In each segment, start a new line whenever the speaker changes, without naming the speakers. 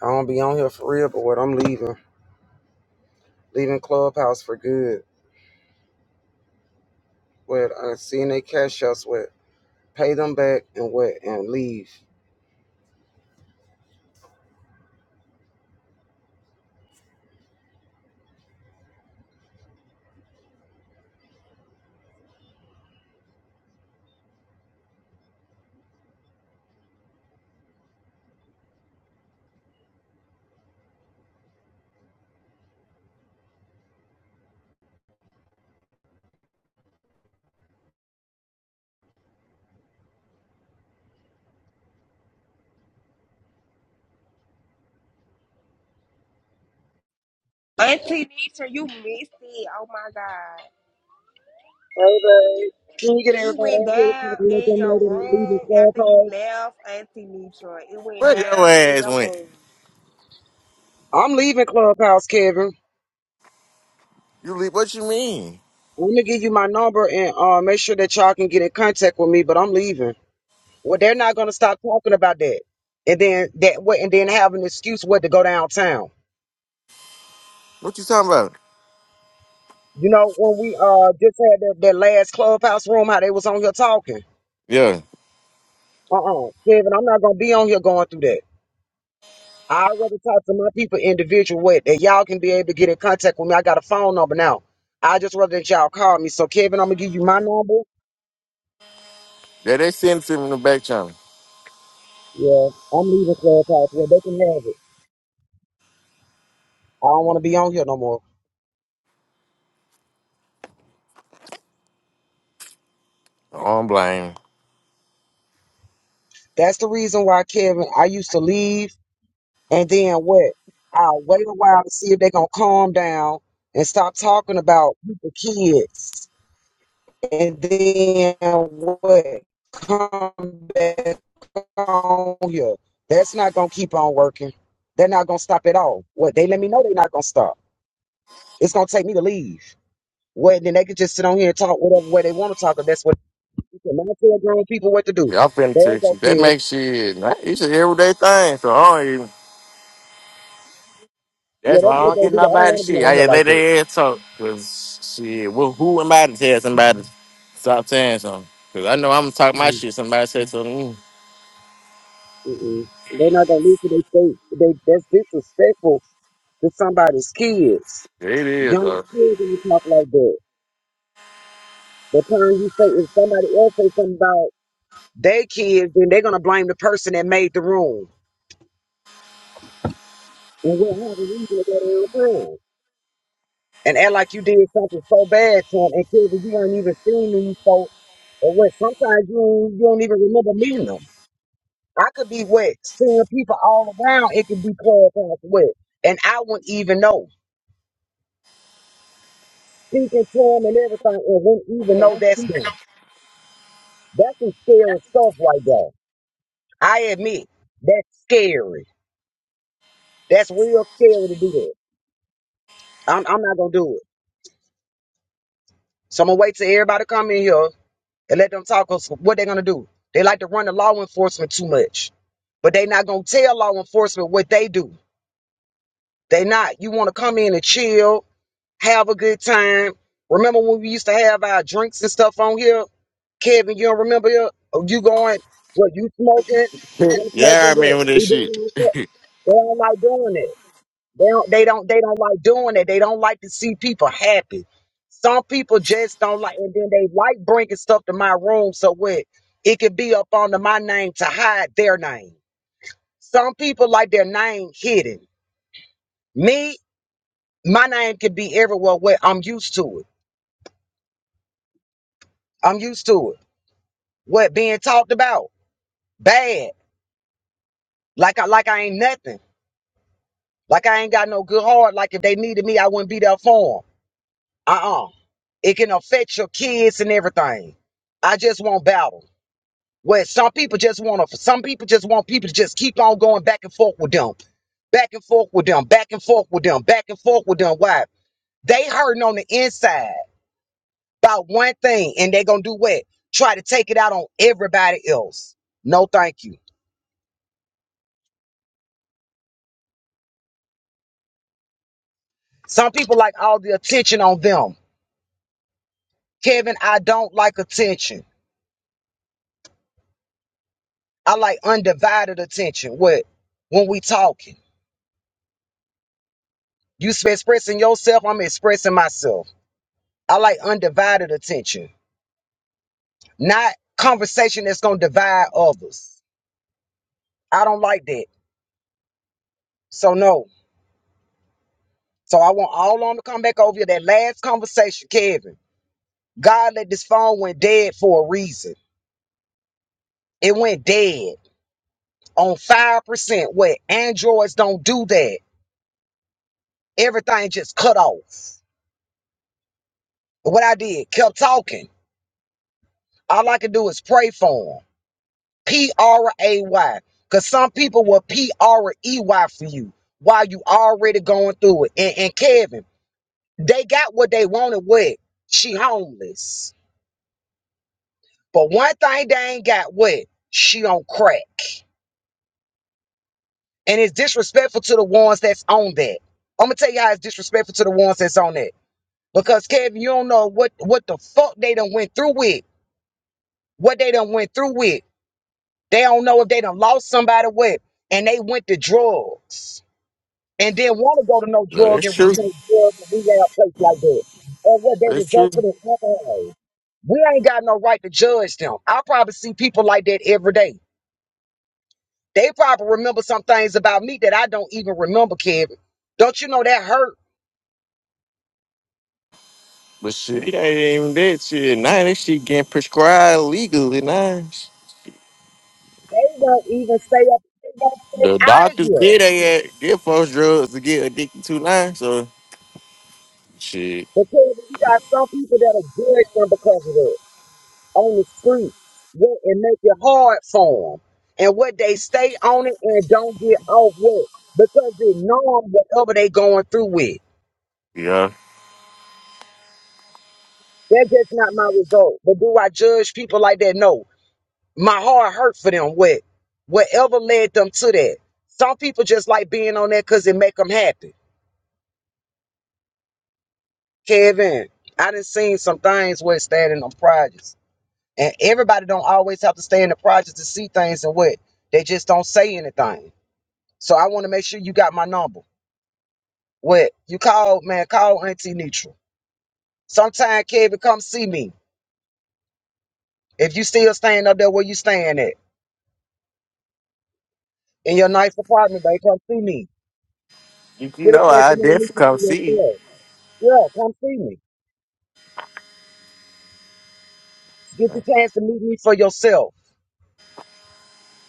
I don't be on here for real, but what I'm leaving, leaving Clubhouse for good. With uh, seeing they cash us with, pay them back and what and leave.
Auntie Nitra, you missed it. Oh my God.
Hey, babe. Can you get
It
everybody
went
out here so I
down
can let
in
them
your
know that I'm leaving
room after you
Clubhouse?
left, Auntie Nitra. It went
Where your
down in
ass
your
went?
room.
I'm leaving Clubhouse, Kevin.
You leave? What you mean?
I'm gonna give you my number and uh, make sure that y'all can get in contact with me. But I'm leaving. Well, they're not gonna stop talking about that, and then that what, and then have an excuse what to go downtown.
What you talking about?
You know when we uh just had that, that last Clubhouse room, how they was on here talking.
Yeah,
Uh-uh. Kevin, I'm not gonna be on here going through that. I'd rather talk to my people individual way that y'all can be able to get in contact with me. I got a phone number now. I just rather that y'all call me. So Kevin, I'm gonna give you my number.
yeah, they sent him in the back channel.
Yeah, I'm leaving Clubhouse where they can have it. I don't wanna be on here no more.
I don't blame. 'em.
That's the reason why Kevin, I used to leave and then what? I'll wait a while to see if they gonna calm down and stop talking about people kids and then what? Come back on here. That's not gonna keep on working. They're not gonna stop at all. What they let me know they're not gonna stop. It's gonna take me to leave. What then they can just sit on here and talk whatever way they want to talk. If that's what you can not tell grown people what to do.
Yeah, I'm finna
There you
text
go,
you. That
kids.
makes shit. nah, It's an everyday thing, so I don't even.
Yeah,
That's
that's
why I
what
don't
they
get
do. I don't
nobody
want to be
shit.
on
I
here
just
like
let
that.
their ass talk. Cause shit, well, who am I to tell somebody to stop saying something? Cause I know I'm gonna talk my
Mm-mm,
shit. Somebody say something. mm.
mm-mm. They're not gonna leave for their state. They that's disrespectful to somebody's kids
It is.
young
Uh,
kids when you talk like that. The time you say if somebody else say something about their kids, then they're gonna blame the person that made the room. and would have a reason to go to Aaron Brown and act like you did something so bad to him and Kevin, you weren't even seeing these folks or what sometimes you don't, you don't even remember meeting them. I could be wet, seeing people all around, it could be clubhouse wet. And I wouldn't even know. Speaking to them and everything and wouldn't even know that's them. That's some scary stuff right there. I admit, that's scary. That's real scary to do that. I'm, I'm not gonna do it. So I'm gonna wait till everybody come in here and let them talk us what they're gonna do. They like to run the law enforcement too much. But they not gonna tell law enforcement what they do. They not. You wanna come in and chill, have a good time. Remember when we used to have our drinks and stuff on here? Kevin, you don't remember it? Oh, you going, what you smoking? I'm
yeah, I
smoking this.
remember this
We
shit.
doing all that. They don't like doing that. They don't, they don't they don't like doing it. They don't like to see people happy. Some people just don't like, and then they like bringing stuff to my room so what it could be up under my name to hide their name. Some people like their name hidden. Me, my name could be everywhere. Where I'm used to it. I'm used to it. What being talked about? Bad. Like I like I ain't nothing. Like I ain't got no good heart. Like if they needed me, I wouldn't be there for 'em. Uh-uh. It can affect your kids and everything. I just want battle. Where some people just want to, some people just want people to just keep on going back and forth with them, back and forth with them, back and forth with them, back and forth with them. Why? They hurting on the inside about one thing, and they gonna do what? Try to take it out on everybody else. No, thank you. Some people like all the attention on them. Kevin, I don't like attention. I like undivided attention. What? When we talking. You expressing yourself, I'm expressing myself. I like undivided attention, not conversation that's gonna divide others. I don't like that. So no. So I want all on to come back over here. That last conversation, Kevin. God let this phone went dead for a reason. It went dead on five percent. where androids don't do that. Everything just cut off. But what I did, kept talking. All I could do is pray for him. P R A Y. Because some people will P R E Y for you while you already going through it. And, and Kevin, they got what they wanted with. She homeless. But one thing they ain't got with, she on crack. And it's disrespectful to the ones that's on that. I'm gonna tell you how it's disrespectful to the ones that's on that. Because Kevin, you don't know what what the fuck they done went through with. What they done went through with. They don't know if they done lost somebody with. And they went to drugs and then want to go to no
No,
drug
that's
and rehab,
true.
drug and rehab place like that. Or what they
That's true.
resulted in alcohol. We ain't got no right to judge them. I probably see people like that every day. They probably remember some things about me that I don't even remember, Kevin. Don't you know that hurt?
But shit, it ain't even that shit. Now that shit getting prescribed legally now.
They won't even stay up. They won't stay
The
out of
doctors
here
did they had their folks drugs to get addicted to now. So shit,
because you got some people that'll judge them because of that. on the street what and make it hard for them and what they stay on it and don't get off with because they know whatever they going through with.
yeah.
That's just not my result. But do I judge people like that? No. My heart hurt for them what whatever led them to that. Some people just like being on that because it make them happy. Kevin, I done seen some things where it's standing on projects. And everybody don't always have to stay in the projects to see things and what. They just don't say anything. So I want to make sure you got my number. What you call, man, call Auntie Neutral. Sometime Kevin, come see me. If you still staying up there where you staying at in your nice apartment, baby, come see me.
You, you
Get a
know
chance
I
to meet me
definitely
for
come see you.
yourself. Yeah, come see me. Get the chance to meet me for yourself.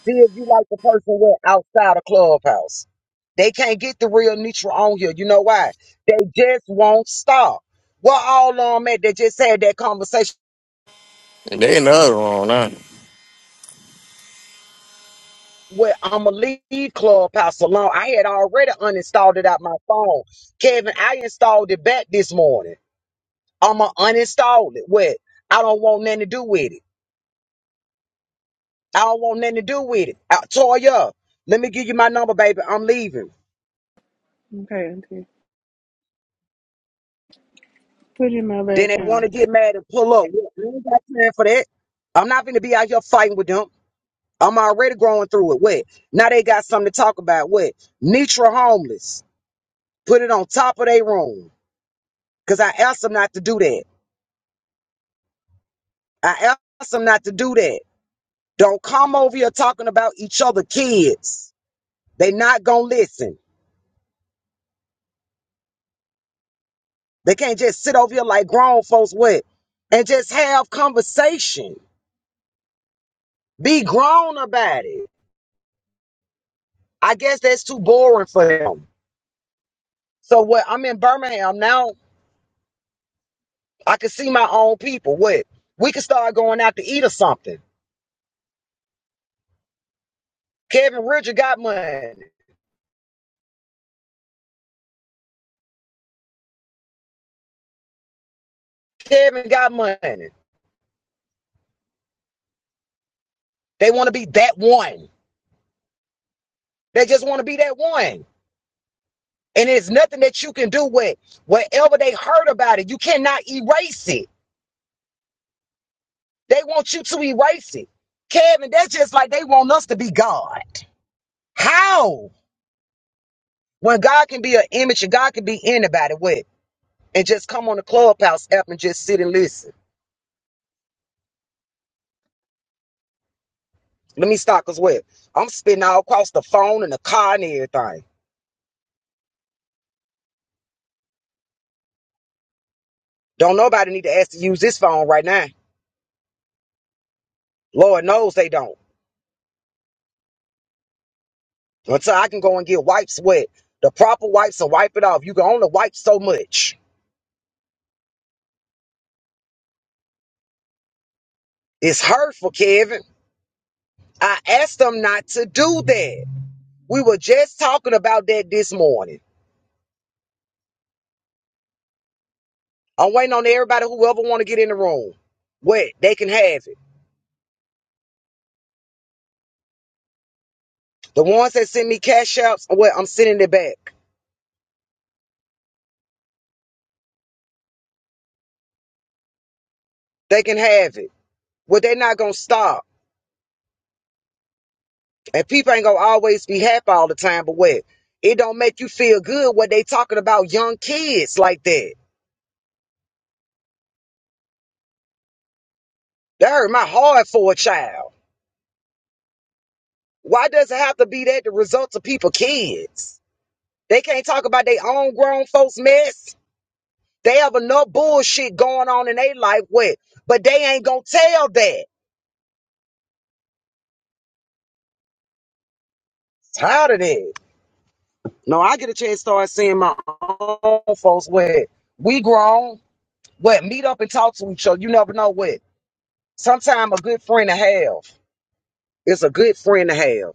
See if you like the person we're outside of clubhouse. They can't get the real neutral on here. You know why? They just won't stop. Well, all of them at that just had that conversation
And they another one now.
Well, I'ma leave Clubhouse alone. I had already uninstalled it out my phone. Kevin, I installed it back this morning. I'ma uninstall it. What? I don't want nothing to do with it. I don't want nothing to do with it. I, Toya, let me give you my number, baby. I'm leaving.
Okay, auntie. Put it in my back
Then they want
channel.
to get mad and pull up. What? We ain't got time for that. I'm not gonna be out here fighting with them. I'm already growing through it. What? Now they got something to talk about. What? Nitra homeless. Put it on top of their room. Cause I asked them not to do that. I asked them not to do that. Don't come over here talking about each other kids. They not gonna listen. They can't just sit over here like grown folks would and just have conversation. Be grown about it. I guess that's too boring for them. So what I'm in Birmingham now, I can see my own people. What we can start going out to eat or something. Kevin Richard got money. Kevin got money. They want to be that one. They just want to be that one. And it's nothing that you can do with whatever they heard about it. You cannot erase it. They want you to erase it. Kevin, that's just like they want us to be God. How? When God can be an image and God can be anybody with and just come on the clubhouse app and just sit and listen. Let me stop as well. I'm spitting all across the phone and the car and everything. Don't nobody need to ask to use this phone right now. Lord knows they don't. Until I can go and get wipes wet. The proper wipes to wipe it off. You can only wipe so much. It's hurtful, Kevin. I asked them not to do that. We were just talking about that this morning. I'm waiting on everybody, whoever want to get in the room. What? They can have it. The ones that send me cash apps, what? I'm sending it back. They can have it. Well, they're not going to stop. And people ain't going to always be happy all the time, but what? It don't make you feel good what they talking about young kids like that. That hurt my heart for a child. Why does it have to be that the results of people kids? They can't talk about their own grown folks mess. They have enough bullshit going on in their life with, but they ain't gonna tell that. Tired of that. No, I get a chance to start seeing my own folks with. We grown, what meet up and talk to each other. You never know what. Sometimes a good friend to have is a good friend to have.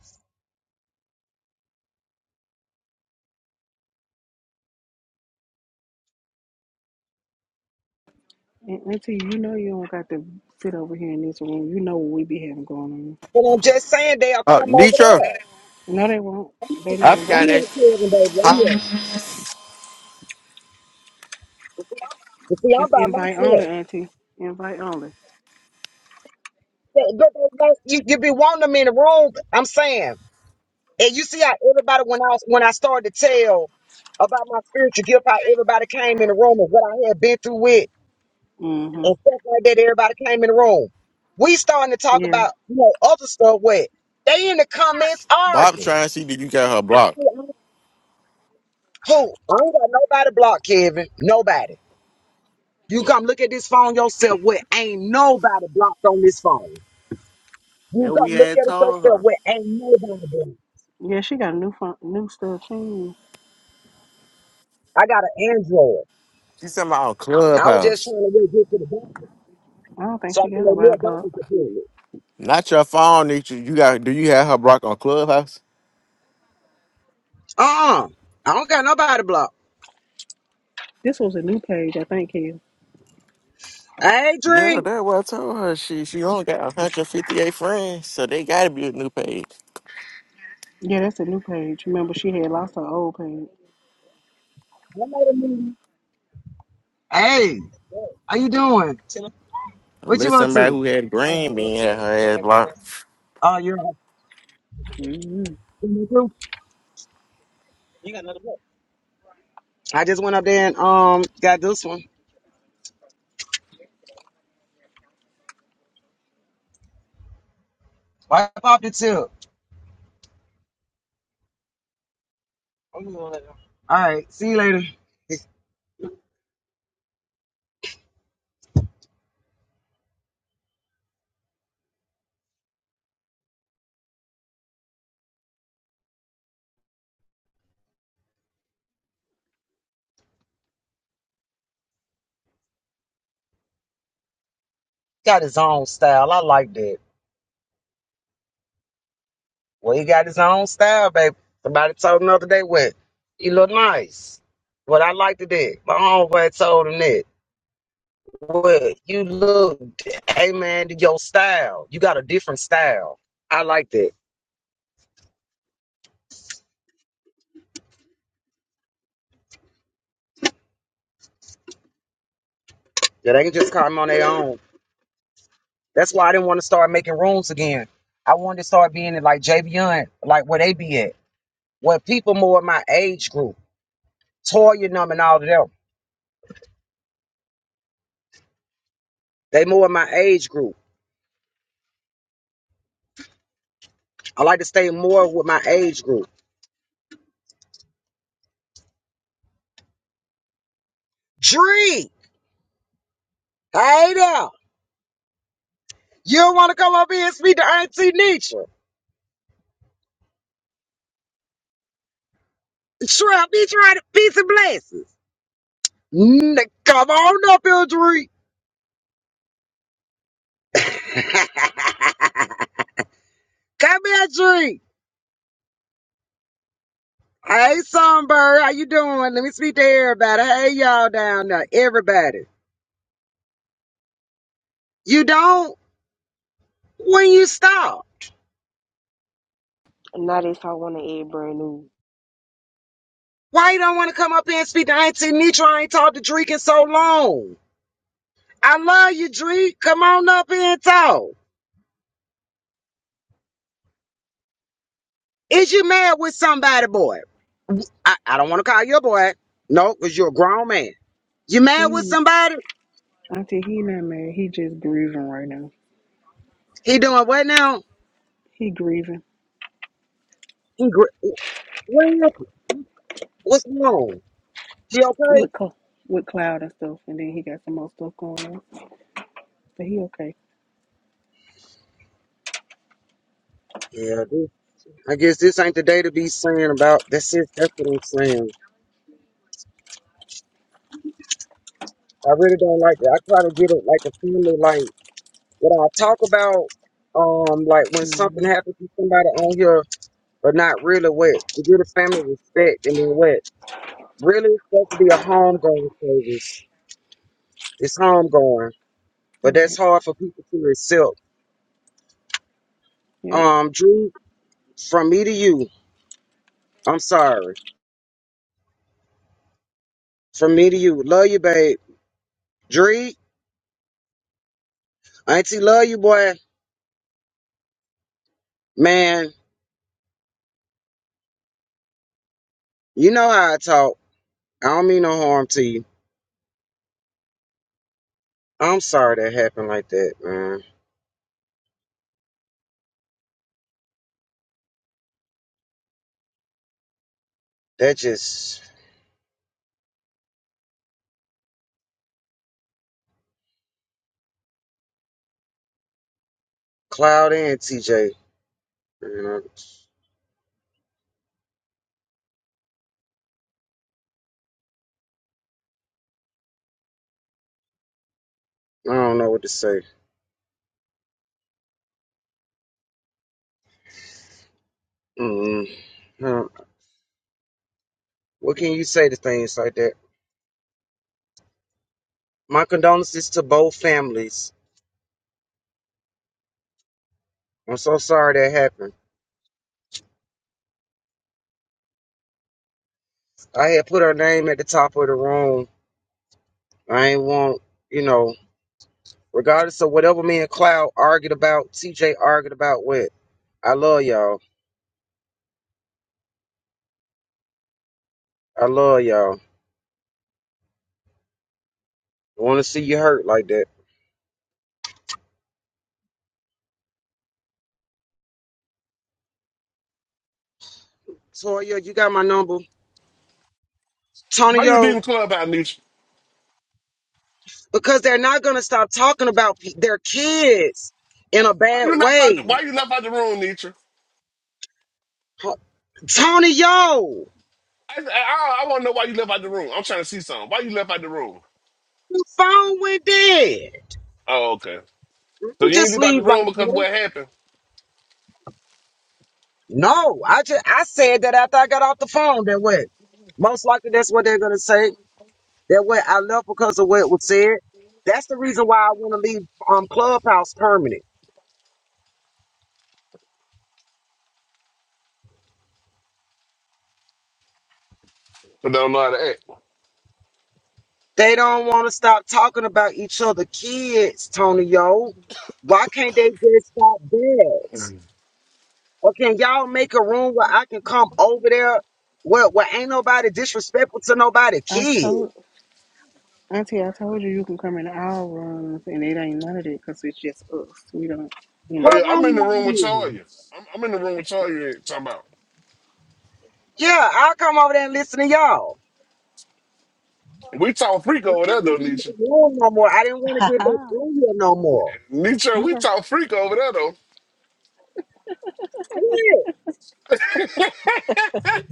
And auntie, you know you don't got to sit over here in this room. You know what we be having going on.
But I'm just saying they'll
Uh,
come over
Nitro,
there.
No, they won't. they not
I
I'm
forgot
invited.
that.
here, Kevin, baby. I'm
Pop,
here. But see, I'm
It's
by
invite only,
myself.
auntie. Invite only.
But- but- but- You, you be wanting them in the room. I'm saying And you see how everybody when I when I started to tell about my spiritual gift, how everybody came in the room and what I had been through with and
Mm-hmm.
stuff like that, everybody came in the room. We starting to talk
Yeah.
about you know other stuff where they in the comments
Bob
arguing.
trying to see that you got her
I
blocked.
said, Who? I ain't got nobody blocked, Kevin. Nobody. You come look at this phone yourself What ain't nobody blocked on this phone. You
That we
come look
had
at it
told
yourself
her.
What ain't nobody blocked.
Yeah, she got new fun, new stuff. She, ain't-
I got an Android.
She said about on
I was just
Clubhouse.
trying to get to the bottom.
I don't think
So I
she
can
got
make me
nobody
a doctor's
blocked.
appointment.
Not your phone, Nitro. You got do you have her blocked on Clubhouse?
Uh-uh. I don't got nobody blocked.
This was a new page, I think, Kia.
Hey,
Yeah,
Dree.
that's what I told her. She she only got 158 friends, so they gotta be a new page.
Yeah, that's a new page. Remember, she had lost her old page.
Hey, how you doing? What you
Unless
up
somebody
to?
who had green bean had her ass blocked.
Oh, you're up
hmm
to me too? I just went up there and um got this one. Wipe off the tip. All right, see you later. Got his own style. I like that. Well, he got his own style, baby. Somebody told him the other day what he look nice. What I liked it that. My homeboy told him that. Well, you look, hey man, your style. You got a different style. I like that. Yeah, they can just come on their own. That's why I didn't want to start making rooms again. I wanted to start being in like JB Young, like where they be at. Where people more in my age group. Toya Numb, and all of them. They more in my age group. I like to stay more with my age group. Dree! Hey there! You don't want to come up here and speak to Auntie Nietzsche. Trap, be trying to peace and blessings. Mm, come on up here, Dree. come here, Dree. Hey, Songbird, how you doing? Let me speak to everybody. Hey, y'all down there, everybody. You don't? When you stop?
And Now this I want to add brand new.
Why you don't want to come up here and speak to Auntie Nitra? I ain't talked to Drake in so long. I love you, Dreek. Come on up here and talk. Is you mad with somebody, boy? I, I don't want to call you a boy. No, because you're a grown man. You mad with
He,
somebody?
auntie, he not mad. He just grieving right now.
He doing what now?
He grieving.
He gr- what happened? What's wrong? She okay?
with co- with cloud and stuff, and then he got some more stuff going on. But he okay.
Yeah, I guess this ain't the day to be saying about that's it. That's what I'm saying. I really don't like that. I try to get it like a family, like what I talk about, um, like when
hmm
something happens to somebody on here, but not really what to get a family respect and then what really it's supposed to be a homegoing service. It's homegoing, but that's
Right.
hard for people to accept.
Yep.
Um, Drew, from me to you, I'm sorry. From me to you, love you, babe. Dree, auntie, love you, boy. Man, you know how I talk. I don't mean no harm to you. I'm sorry that happened like that, man. That just Cloud and TJ. Man, I, I don't know what to say. Mm, huh. what can you say to things like that? My condolences to both families. I'm so sorry that happened. I had put her name at the top of the room. I ain't want, you know, regardless of whatever me and Cloud argued about, TJ argued about what. I love y'all. I love y'all. I want to see you hurt like that. Toya, you got my number.
Why you
Tonyo.
leaving the club out, Nietzsche?
because they're not going to stop talking about p- their kids in a
Why
bad
you left out? The,
way.
why you left out the room, Nietzsche?
Ho- Tony, yo,
I, I, I want to know why you left out the room. I'm trying to see something. Why you left out the room?
the phone went dead.
Oh, okay. So
You
you ain't
just
leave out
leave
the
like
room because of
that.
what happened?
No, I just I said that after I got off the phone. That what most likely that's what they're going to say. That what I left because of what was said. That's the reason why I want to leave um Clubhouse permanent.
But don't know how to act.
They don't want to stop talking about each other kids, Tony, yo. Why can't they just stop that?
Mhm.
Or can y'all make a room where I can come over there where, where ain't nobody disrespectful to nobody
I
kid?
told Auntie, I told you you can come in our rooms, and it ain't none of that because it's just us. We don't, you know.
Oh yeah,
What
I'm
room
in the
y'all
room with
in?
Toya. I'm, I'm in the room with Toya. and Talking about
Yeah, I'll come over there and listen to y'all.
we talk freak
I
over
don't
there though,
want to make a
Nietzsche.
room no more. I didn't want to
Ha
get back on here no more.
Nietzsche,
You
we
heard.
talk freak over there though.
What?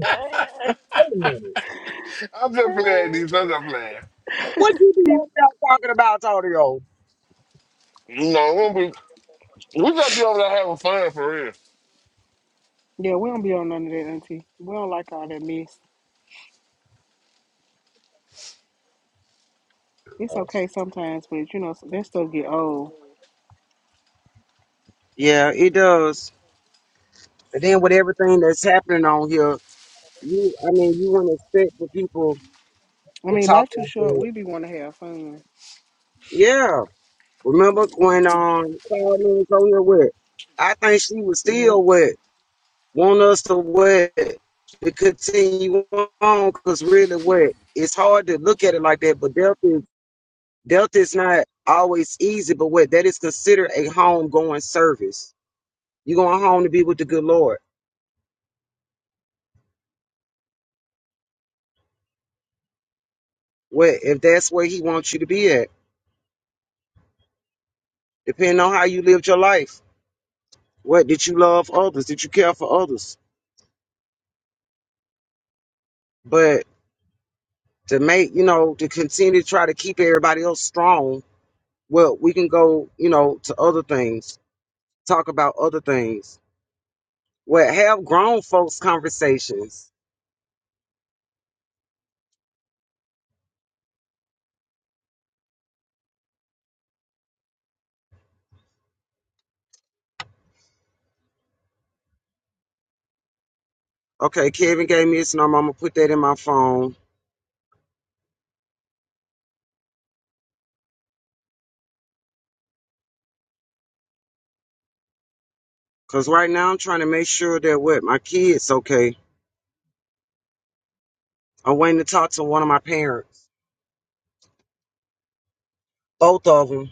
Wait a minute.
I'm just playing, Nietzsche. I'm just playing.
What you be out there talking about, Tony?
You know, we we just be over there having fun for real.
yeah, we don't be on none of that, Auntie. We don't like all that mess. It's okay sometimes, but you know that stuff get old.
Yeah, it does. And then with everything that's happening on here, you I mean you wouldn't expect for people
I
to
mean, life
talk
too
like
short.
that.
We be want to have fun.
Yeah. Remember when um Cloud Moon was on here with? I think she was
Mhm. Yep.
still wet. Want us to wet to continue on because really wet. It's hard to look at it like that, but Delta is Delta is not always easy, but what that is considered a home going service. you going home to be with the good Lord. What if that's where he wants you to be at, depending on how you lived your life. What did you love others? Did you care for others? But to make, you know, to continue to try to keep everybody else strong Well, we can go, you know, to other things, talk about other things. Well, have grown folks conversations. Okay, Kevin gave me his number. I'm gonna put that in my phone. Cause right now I'm trying to make sure that with my kids okay. I'm waiting to talk to one of my parents, both of them,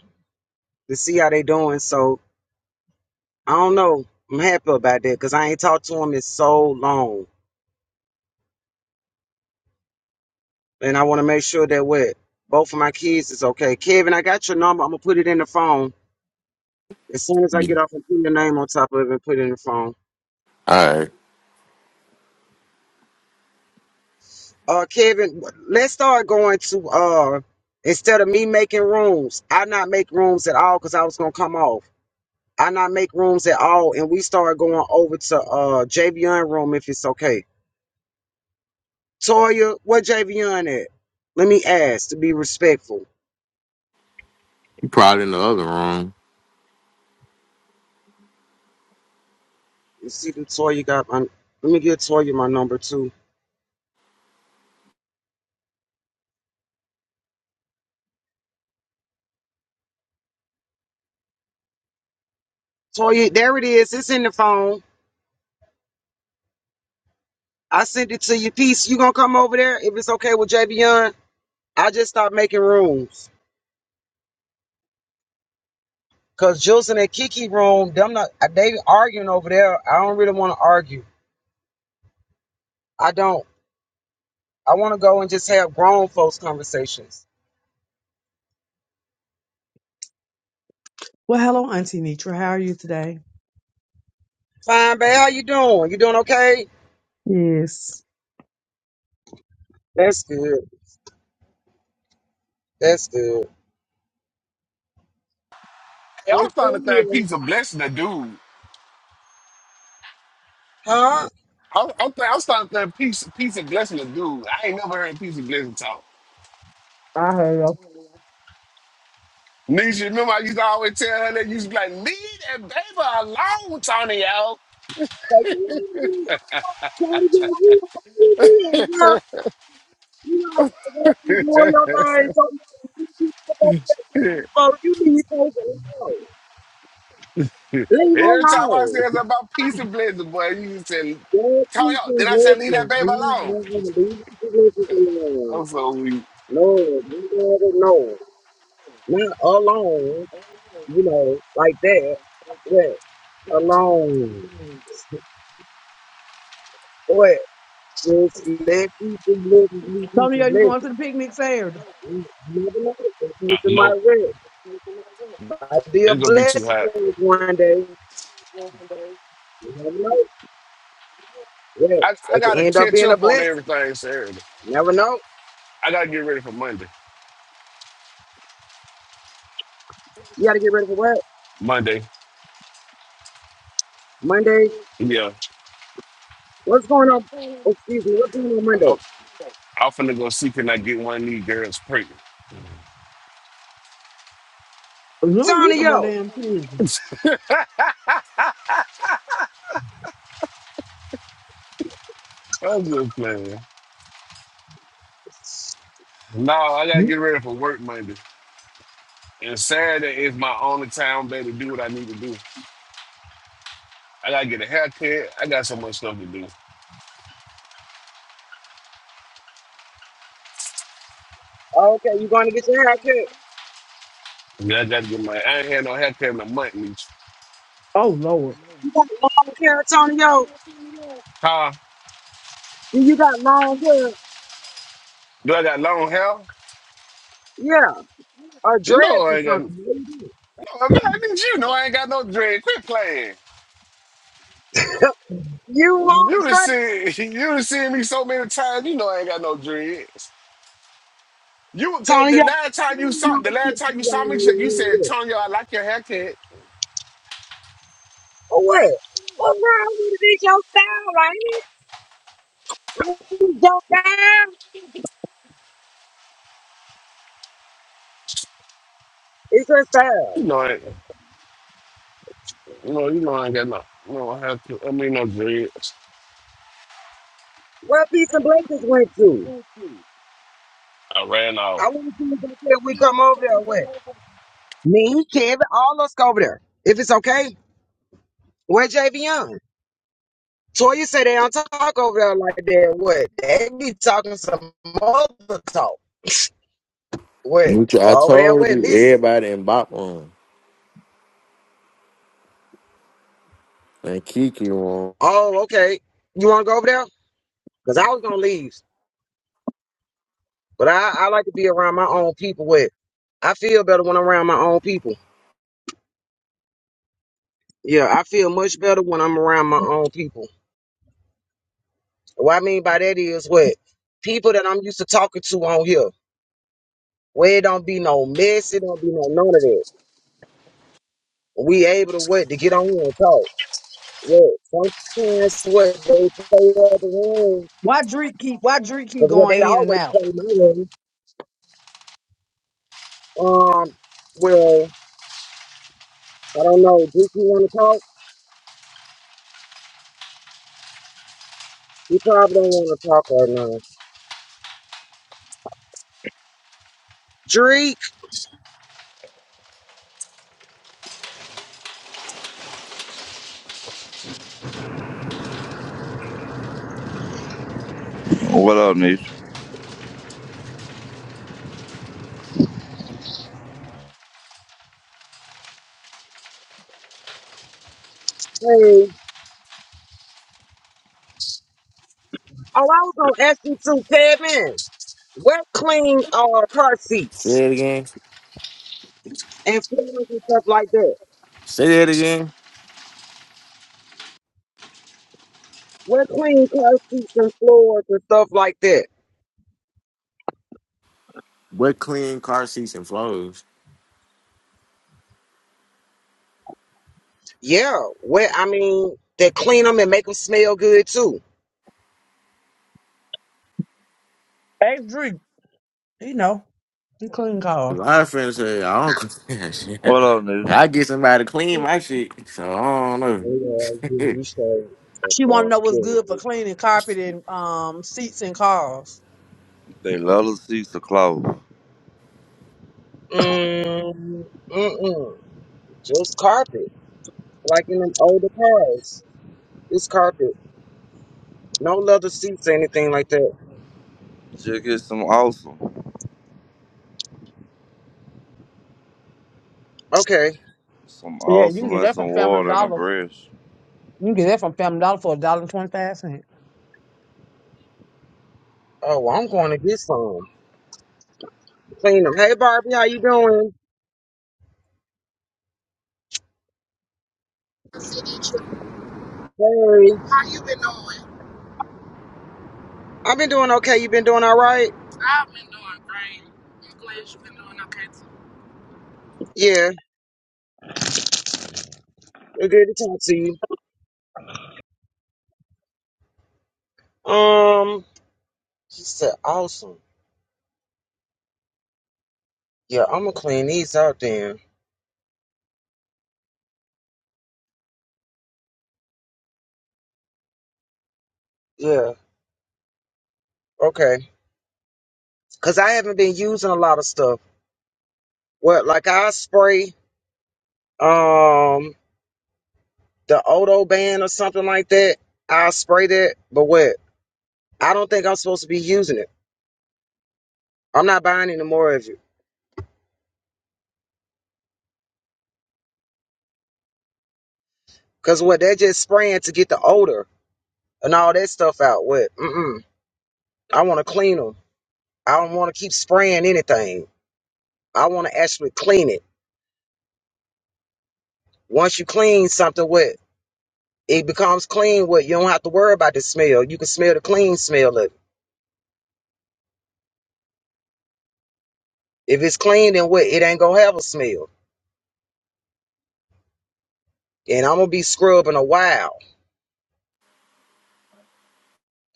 to see how they doing. So I don't know. I'm happy about that because I ain't talked to them in so long, and I want to make sure that what both of my kids is okay. Kevin, I got your number. I'm gonna put it in the phone. As soon as I
Yeah.
get off, I'm putting the name on top of it and put it in the phone.
All right,
Uh, Kevin, let's start going to uh instead of me making rooms, I not make rooms at all because I was gonna come off. I not make rooms at all, and we start going over to uh JVN room if it's okay. Toya, what JVN at? Let me ask to be respectful.
you probably in the other room.
You see, the Toya got my. Let me get Toya my number too. Toya, there it is. It's in the phone. I sent it to you. Peace. You gonna come over there if it's okay with JVN? I just stopped making rooms because Jules and Kiki room, them not they arguing over there. I don't really want to argue. I don't. I want to go and just have grown folks conversations.
Well, hello, Auntie Nitra. How are you today?
Fine, babe. How you doing? You doing okay?
Yes.
That's good. That's good. I'm
Y'all
still
starting to think
here.
peace a blessing to dude.
Huh?
I'm, I'm, th- I'm starting to think peace, peace and blessing a dude. I ain't never heard peace and blessing talk.
I have.
Nisha, remember I used to always tell her that you used to be like, leave that baby alone, Tony out.
'Cause you always try to get you- you being, girl. You know, I gotta go through doing your thing. So, you know, you keep up with that, You leave folks alone. Leave her
Every time I
alone.
said something about peace and blessing, boy, you just said,
Lord,
Tony
please just
out. Then I said, leave that
listen.
baby
Leave
alone.
them, leave the religious alone.
I'm so weak.
No, leave all the no. Not alone, you know, like that. What? Alone. What? Just let people live and leave
Tony,
people
are you
live.
going to the picnic Saturday?
You never know. The
Uh,
person might
nope,
win. Might be a
it's gonna be too
blessing
hot.
for us one day. You never know. Yeah,
I, I
they could
gotta
end up
catch
being a
up on
blessing.
everything Saturday.
You never know.
I gotta get ready for Monday.
You gotta get ready for what?
Monday,
Monday.
yeah.
What's going on? Excuse me. What's going on
I'm,
Monday?
I'm finna go see can I get one of these girls pregnant.
You don't need
Sonia,
no
yo.
more damn pig.
I'm just playing. No, I gotta get ready for work Monday. And Saturday is my only time day to do what I need to do. I gotta get a haircut. I got so much stuff to do.
Oh, Okay, you going to get your hair cut.
Yeah, I gotta get my I ain't had no haircut in a month, Meech.
Oh Lord.
You got long hair, Antonio.
Huh?
You you got long hair.
Do I got long hair?
Yeah, or
No,
dreads
I
or
ain't got no
something. What you do?
I mean, I need you know I ain't got no dread. Quit playing.
You want
You done
dreads,
seen you done seen me so many times, you know I ain't got no dreads. You would go the
Antonio.
last
I
time you
don't
saw
know
the last
what you
time you
got
saw me,
on your
you
hair
said,
with.
Tonya, I like your haircut.
Or what? What's wrong with it? It's your style, ain't it? It's your style. It's your style.
You know it. No, you know I ain't got no. No, I have to. I mean, no dreads.
Where peace and blessings went to?
I ran out.
I want to see if they said we come over there or what? Me, Kevin, all us go over there. If it's okay, where JV Young? Toy, you say they don't talk over there like that. What? They be talking some other talk. What?
Which I
Go over there
told
with
you,
listen.
everybody in Bop room and Kiki room.
Oh, okay. You want to go over there? Because I was going to leave. But I, I like to be around my own people. With I feel better when I'm around my own people. Yeah, I feel much better when I'm around my own people. What I mean by that is what? People that I'm used to talking to on here. Where it don't be no mess. It don't be no none of that. We able to what? To get on here and talk. Well, sometimes what they play the other room,
Why Drake keep why Drake keep
because what
going
they
in and
always
out?
play my room. Um, well, I don't know. Drake, you want to talk? You probably don't want to talk right now. Drake,
What up, Niche?
hey. Oh, I was gonna ask you to, Kevin. What clean uh car
Say
seats
it again.
and floors and stuff like that?
Say it again.
What clean car seats and floors and stuff like that?
What clean car seats and floors?
Yeah. What I mean, they clean them and make them smell good too.
Ask Drake, you know, he clean cars.
Cause I friends say I don't clean that shit.
What up, Niche?
I get somebody to clean my shit, so I don't know.
Yeah, yeah, you
She wanna know what's
say.
good for cleaning carpet and um seats and cars.
They love to see the clothes.
Mm, mm-mm. Just carpet, like in them older cars. It's carpet. No leather seats or anything like that.
Just get some awesome.
Okay.
Some
Yeah, you can
awesome
get
and
that
some
from Family
water and a
Dollar.
brush.
You can get that from Family Dollar for a dollar and twenty five cents.
Oh, well, I'm going to get some. Clean them. Hey, Barbie, how you doing?
How
Hey.
you been doing?
I've been doing okay. You been doing all right?
I've been doing great. I'm glad you've been doing okay too.
Yeah. We're good to talk to you. Um, she said, awesome. Yeah, I'm going to clean these out then. Yeah. Okay. Because I haven't been using a lot of stuff. What, like I spray. Um. the Odo band or something like that, I'll spray that. But what? I don't think I'm supposed to be using it. I'm not buying any more of it. Cause what? They're just spraying to get the odor and all that stuff out. What? Mm-mm. I want to clean them. I don't want to keep spraying anything. I want to actually clean it. Once you clean something, what? It becomes clean. What? You don't have to worry about the smell. You can smell the clean smell of it. If it's clean, then what? It ain't gonna have a smell. And I'm gonna be scrubbing a while.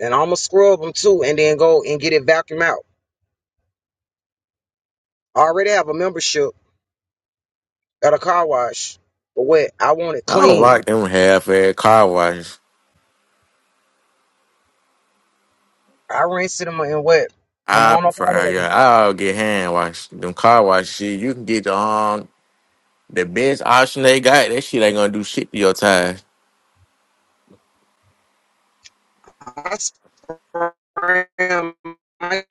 And I'm gonna scrub them too, and then go and get it vacuumed out. I already have a membership at a car wash, but wet. I want it
I don't
clean.
like them half-ass car washes.
I rinsed them and wet. Come
I
on up
prefer,
out
uh,
of 'em.
yeah, I'll get hand wash. Them car wash shit, you can get the um, the best option they got. That shit ain't gonna do shit to your tires.
I spray 'em, I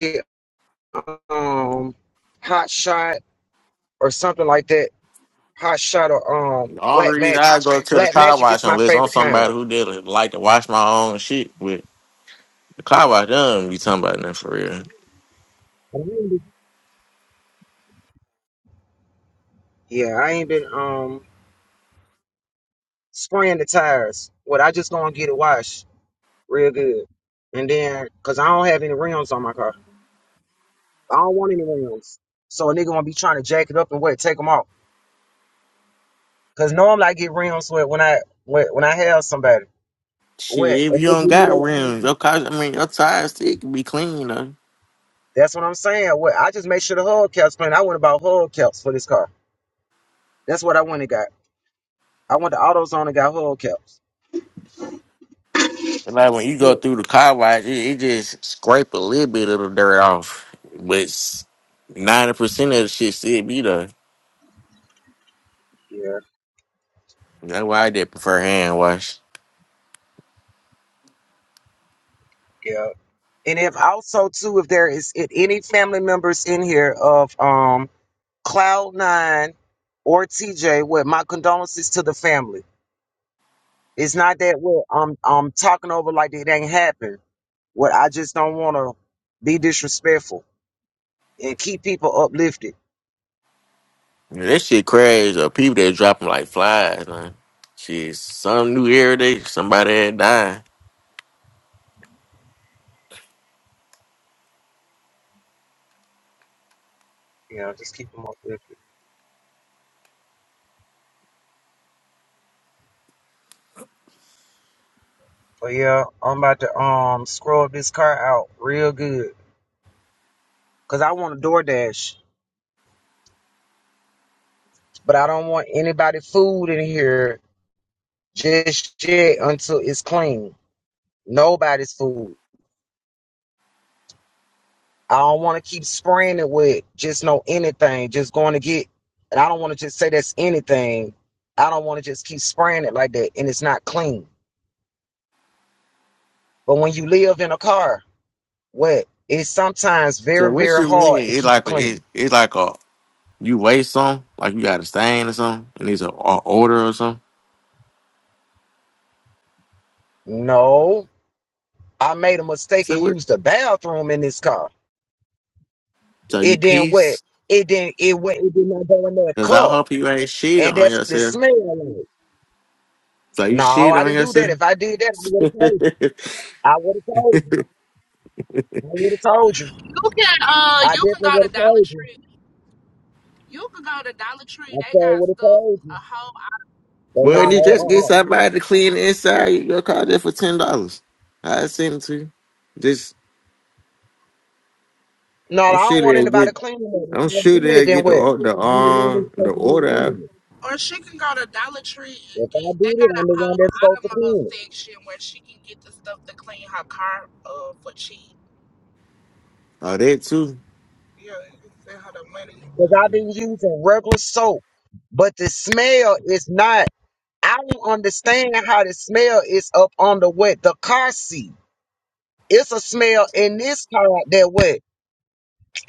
get, um, hot shot or something like that. Hot shot or um
All the
black
reason
magic.
I go to the
Black
car
magic is
wash
my
unless I'm
favorite kind.
somebody who did like like to wash my own shit with the car wash. Done be talking about nothing for real.
I ain't been- Yeah, I ain't been um spraying the tires. What I just gonna get it washed real good, and then cause I don't have any rims on my car. I don't want any rims. So a nigga gonna be trying to jack it up and what, take them off. Cause normally I get rims with when I when, when I have somebody.
Shit,
What?
if
And
you
they give
don't
me their
got rims,
own-
your car, I mean, your tires still can be clean though.
That's what I'm saying. What? I just made sure the hubcaps clean. I went about hubcaps for this car. That's what I went and got. I went to AutoZone and got hubcaps.
But like when you
Yeah,
go through the car wash, it, it just scrape a little bit of the dirt off, but ninety percent of the shit still be there.
yeah.
That's why I did prefer hand wash.
yeah. And if also too, if there is if any family members in here of um Cloud Nine or TJ, what my condolences to the family. It's not that well. I'm I'm talking over like it ain't happened. What I just don't want to be disrespectful and keep people uplifted.
Yeah, That shit crazy. Uh, people that dropping like flies, man. Shit, some new every day, somebody had died.
Yeah, just keep them uplifted. But yeah, I'm about to um scrub this car out real good because I want a DoorDash, but I don't want anybody food in here just yet until it's clean. Nobody's food. I don't want to keep spraying it with just no anything, just going to get, and I don't want to just say that's anything. I don't want to just keep spraying it like that and it's not clean. But when you live in a car, what? It's sometimes
So
very,
what
very
you mean?
hard to
It's
keep it
like it,
clean.
it's like a you waste some, like you got a stain or something, and it's a, a odor or something.
No, I made a mistake
So
and
what?
used the bathroom in this car.
So you
It didn't wet.
piece?
It didn't, it went. It did not go in that
Cause I
cup.
hope you ain't shit
And
on
that's what it
yourself.
smelled like.
So you
No,
shit
I
on
didn't do that.
yourself.
If I did that, I would have told you. I would have told you. I would have told you.
You can uh
I
you can
definitely
go
would
to
have
Dollar
told you.
Tree. You can go to Dollar Tree.
I
They
sure
got
would have
stuff
told
a
you.
whole
But no,
Well, you just get
uh-uh.
somebody to clean the inside? You go call that for ten dollars. I send it to you. Just
No,
I'm
I don't
sure
want
they'll get.
anybody cleaning it.
I'm
If I
sure
did it,
they'll
then
get the
what?
or- the
I'm the one
uh,
that's
the
supposed to be
order out
cleaning it.
or she can go to Dollar Tree
If
and
I
get they
did it,
got
I'm the
a
one
whole
that's supposed to
automo
clean it.
section where she can get the stuff to clean her car uh for cheap.
of that too.
Yeah, and we sent her the money.
Because I've been using regular soap, but the smell is not. I don't understand how the smell is up under what the car seat. It's a smell in this car that what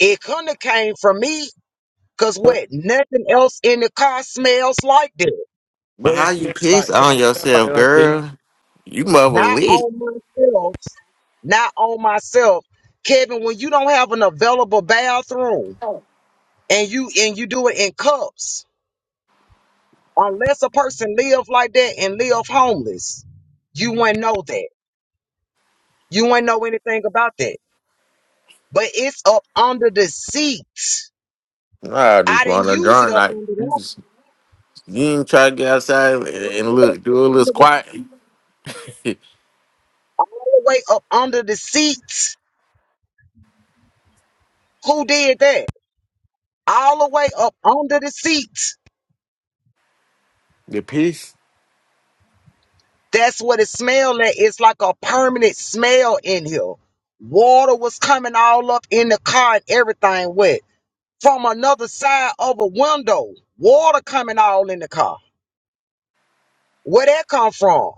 it couldn't have came from me. Cause
What
what nothing else in the car smells like that.
But
what
how
does she
you
look
piss
like? What does
on
she look
yourself,
like? Like
girl? You mother
not
lit.
on myself, not on myself. Kevin, when you don't have an available bathroom and you and you do it in cups, unless a person live like that and live homeless, you wouldn't know that. You wouldn't know anything about that. But it's up under the seat.
I
I
just
didn't
want to
use it
drunk
up
like
under the
you just- you ain't try to get outside and
all
and
the way
look do
up
a little
under the,
squat.
all the way up under the seat. Who did that? All the way up under the seat.
the piss.
That's what it smelled like. It's like a permanent smell in here. Water was coming all up in the car and everything wet. From another side of a window, water coming all in the car. Where that come from?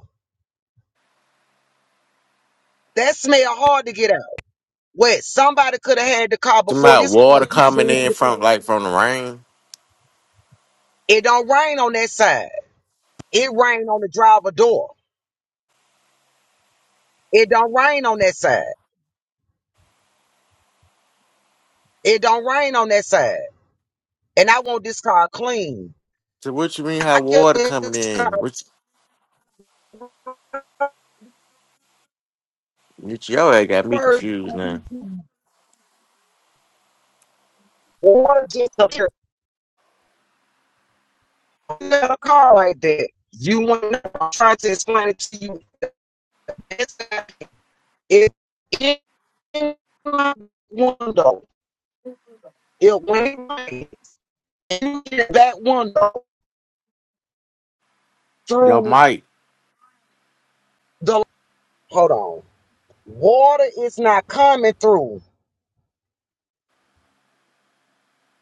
That smell hard to get out. Wet. Somebody could have had the car before
Somebody
this.
water coming in
car.
from like from the rain.
It don't rain on that side. It rain on the driver door. It don't rain on that side. It don't rain on that side. And I want this car clean.
So what you mean how
I kept
water coming
this car
in? Which which your ass got me
first.
confused now.
Or just up here. You a little car like that. You want to know. I'm trying to explain it to you. It's it, in my window. It went in my- in that window
Yo
through
Mike,
the. Hold on. Water is not coming through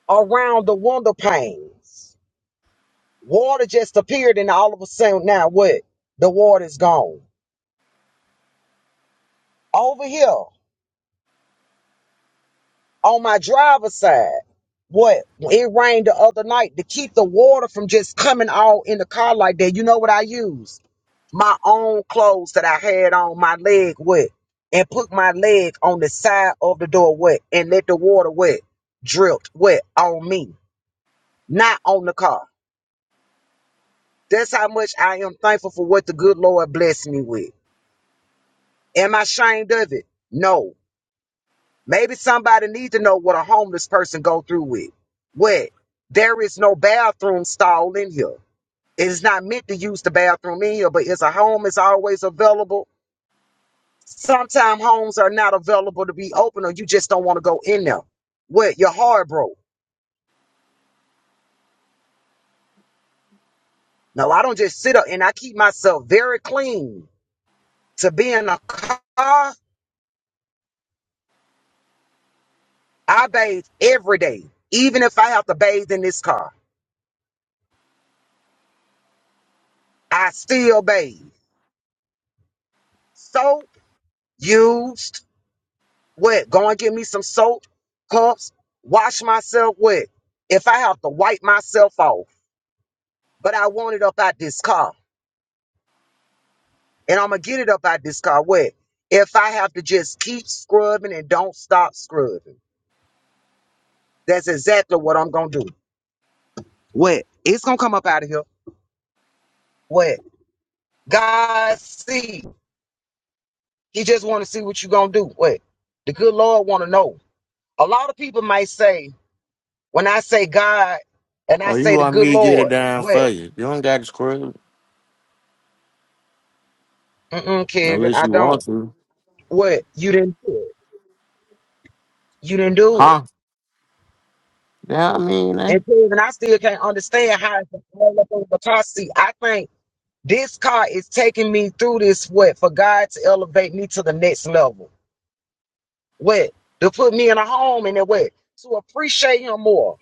around the window panes. Water just appeared, and all of a sudden, now what? The water is gone. Over here. on my driver's side. What it rained the other night to keep the water from just coming all in the car like that. You know what I used? My own clothes that I had on my leg wet and put my leg on the side of the door wet and let the water wet dripped wet on me, not on the car. That's how much I am thankful for what the good Lord blessed me with. Am I ashamed of it? No. Maybe somebody needs to know what a homeless person go through with. What? There is no bathroom stall in here. It is not meant to use the bathroom in here, but it's a home is always available. Sometimes homes are not available to be open or you just don't want to go in there. What? Your heart broke. No, I don't just sit up and I keep myself very clean. To be in a car, I bathe every day. Even if I have to bathe in this car, I still bathe. Soap used What? Go and get me some soap, cups, wash myself with. If I have to wipe myself off, but I want it up out this car. And I'm gonna get it up out this car. What? If I have to just keep scrubbing and don't stop scrubbing. That's exactly what I'm gonna do. What? It's gonna come up out of here. What? God see. He just wanna see what you gonna do. What? The good Lord wanna know. A lot of people might say, when I say God and I
oh you
say the
want
good
me to get it
Lord,
down
what?
for you. You don't got to scrub
Mm-mm, Kevin,
unless
I
you
don't.
want to.
What? You didn't do it. You didn't do it.
Huh? Yeah, I mean, eh?
And see, and I still can't understand how it's all up over the car seat. I think this car is taking me through this what for God to elevate me to the next level. What? To put me in a home and a what? To appreciate him more.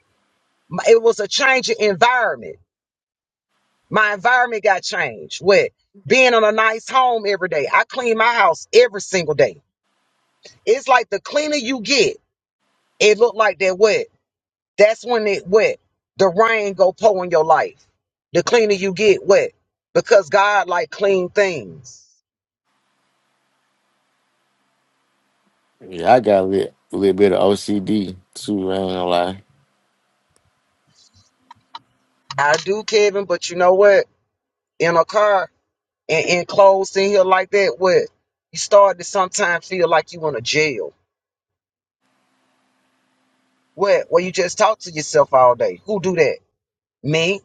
My- It was a change in environment. My environment got changed. What? Being in a nice home every day. I clean my house every single day. It's like the cleaner you get, it look like that what? That's when it wet. The rain go pour in your life. The cleaner you get wet. Because God like clean things.
Yeah, I got a little, little bit of OCD too. I ain't gonna lie.
I do, Kevin, but you know what? In a car and in clothes in here like that, wet. You start to sometimes feel like you in a jail. Wet. Where you just talk to yourself all day. Who do that? Me?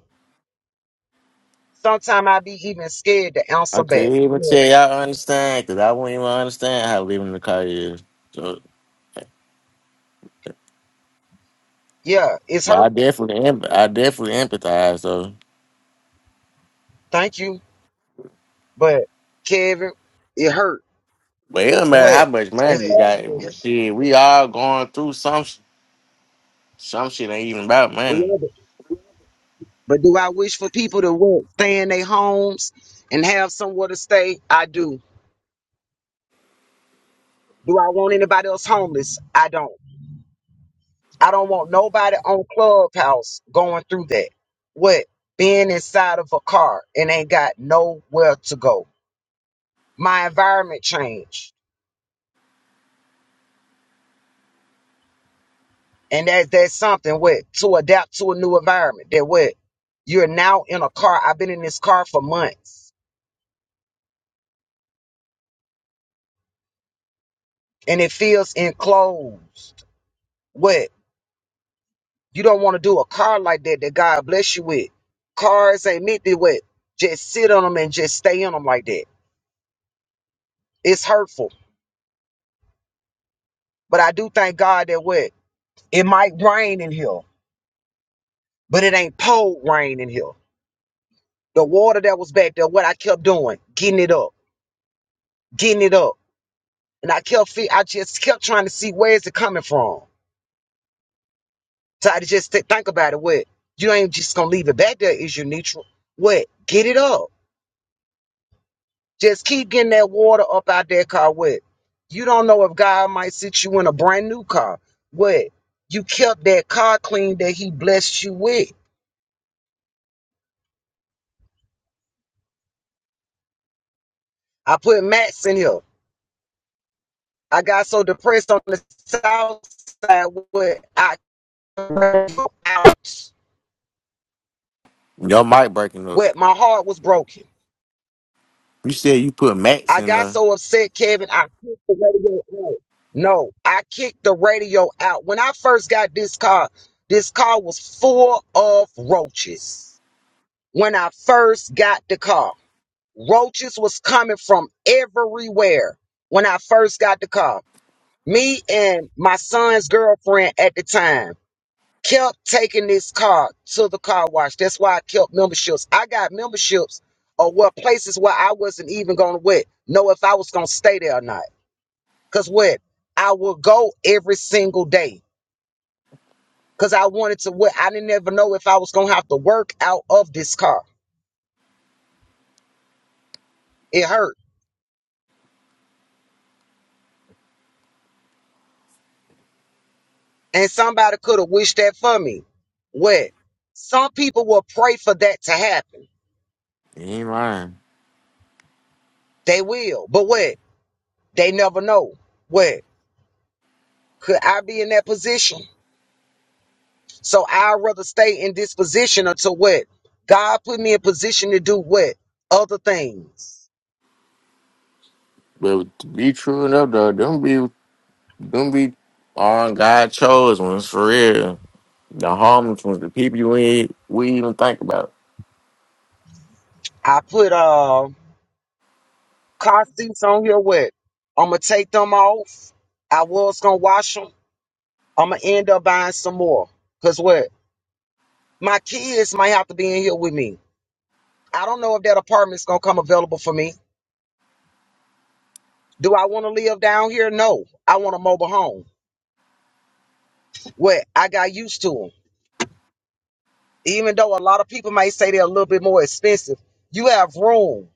Sometimes I be even scared to
I
answer back.
couldn't even
Wet.
tell y'all understand because I wouldn't even understand how living in the car is. So,
Yeah, it's
but I
hurtful.
definitely, em- I definitely empathize. So,
Thank you. But Kevin, it hurt.
but it don't matter how
Wet.
much
It's
money you
all
got. Shit, we all going through some sh- some shit. Ain't even about money.
good. But do I wish for people to work, stay in their homes and have somewhere to stay? I do. Do I want anybody else homeless? I don't. I don't want nobody on Clubhouse going through that. What? Being inside of a car and ain't got nowhere to go. My environment changed. And that, that's something what to adapt to a new environment. That what you're now in a car. I've been in this car for months and it feels enclosed. What? You don't want to do a car like that that God bless you with. Cars ain't meant to what just sit on them and just stay in them like that. It's hurtful. But I do thank God that what it might rain in here, but it ain't cold rain in here. The water that was back there, what I kept doing, getting it up, getting it up, and I kept fe- I just kept trying to see where is it coming from. So I just th- think about it. What you ain't just gonna leave it back there? Is you neutral? What get it up? Just keep getting that water up out that car wet. You don't know if God might sit you in a brand new car. What? You kept that car clean that he blessed you with. I put mats in here. I got so depressed on the south side where I couldn't go out.
Your mic breaking up.
Where my heart was broken.
You said you put max
I
in
got
the.
so upset, Kevin, I kicked the radio out. No, I kicked the radio out. When I first got this car, this car was full of roaches when I first got the car. Roaches was coming from everywhere when I first got the car. Me and my son's girlfriend at the time kept taking this car to the car wash. That's why I kept memberships. I got memberships or what places where I wasn't even gonna wait know if I was gonna stay there or not. Cause what I would go every single day. Cause I wanted to what I didn't ever know if I was gonna have to work out of this car. It hurt. And somebody could have wished that for me. What? Some people will pray for that to happen.
You ain't lying.
They will. But what? They never know. What? Could I be in that position? So I'd rather stay in this position until what? God put me in position to do what? Other things.
But to be true enough though, don't be don't be on God chose ones for real. The homeless ones, the people you ain't we even think about.
I put uh car seats on here. What? I'ma take them off. I was gonna wash them. I'ma end up buying some more. Cause what? My kids might have to be in here with me. I don't know if that apartment's gonna come available for me. Do I want to live down here? No. I want a mobile home. Well, I got used to them. Even though a lot of people may say they're a little bit more expensive, you have room.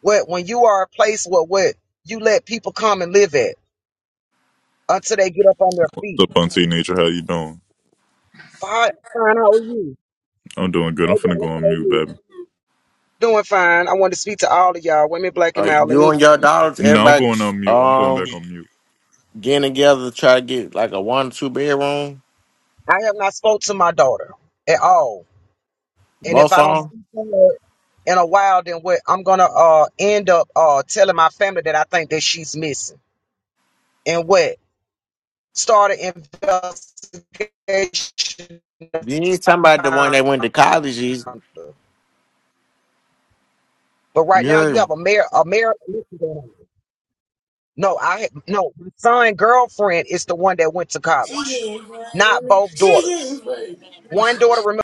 What when you are a place where what you let people come and live at until they get up on their
What's
feet.
up, Auntie Nature? How you doing?
Fine, fine. How are you?
I'm doing good. I'm
Hey,
finna go
Dallas, how
on
are
mute,
you?
baby.
Doing fine. I wanted to speak to all of y'all, women, black
Uh,
and male. Let
you
me.
and your daughters,
No, I'm going
everybody's
on mute. I'm going
um
back on mute.
getting together to try to get like a one or two bedroom,
I have not spoke to my daughter at all, and if
both
I don't
of them.
speak to her, in a while, then what I'm gonna uh end up uh telling my family that I think that she's missing. And what? Start an investigation to
You ain't talking about the one
find
that went to college. is-
her. But right
You
now you
heard?
have a mayor a mayor. No, I ha- no my son girlfriend is the one that went to
She
college,
is
not
funny.
both
She is
daughters.
funny.
One daughter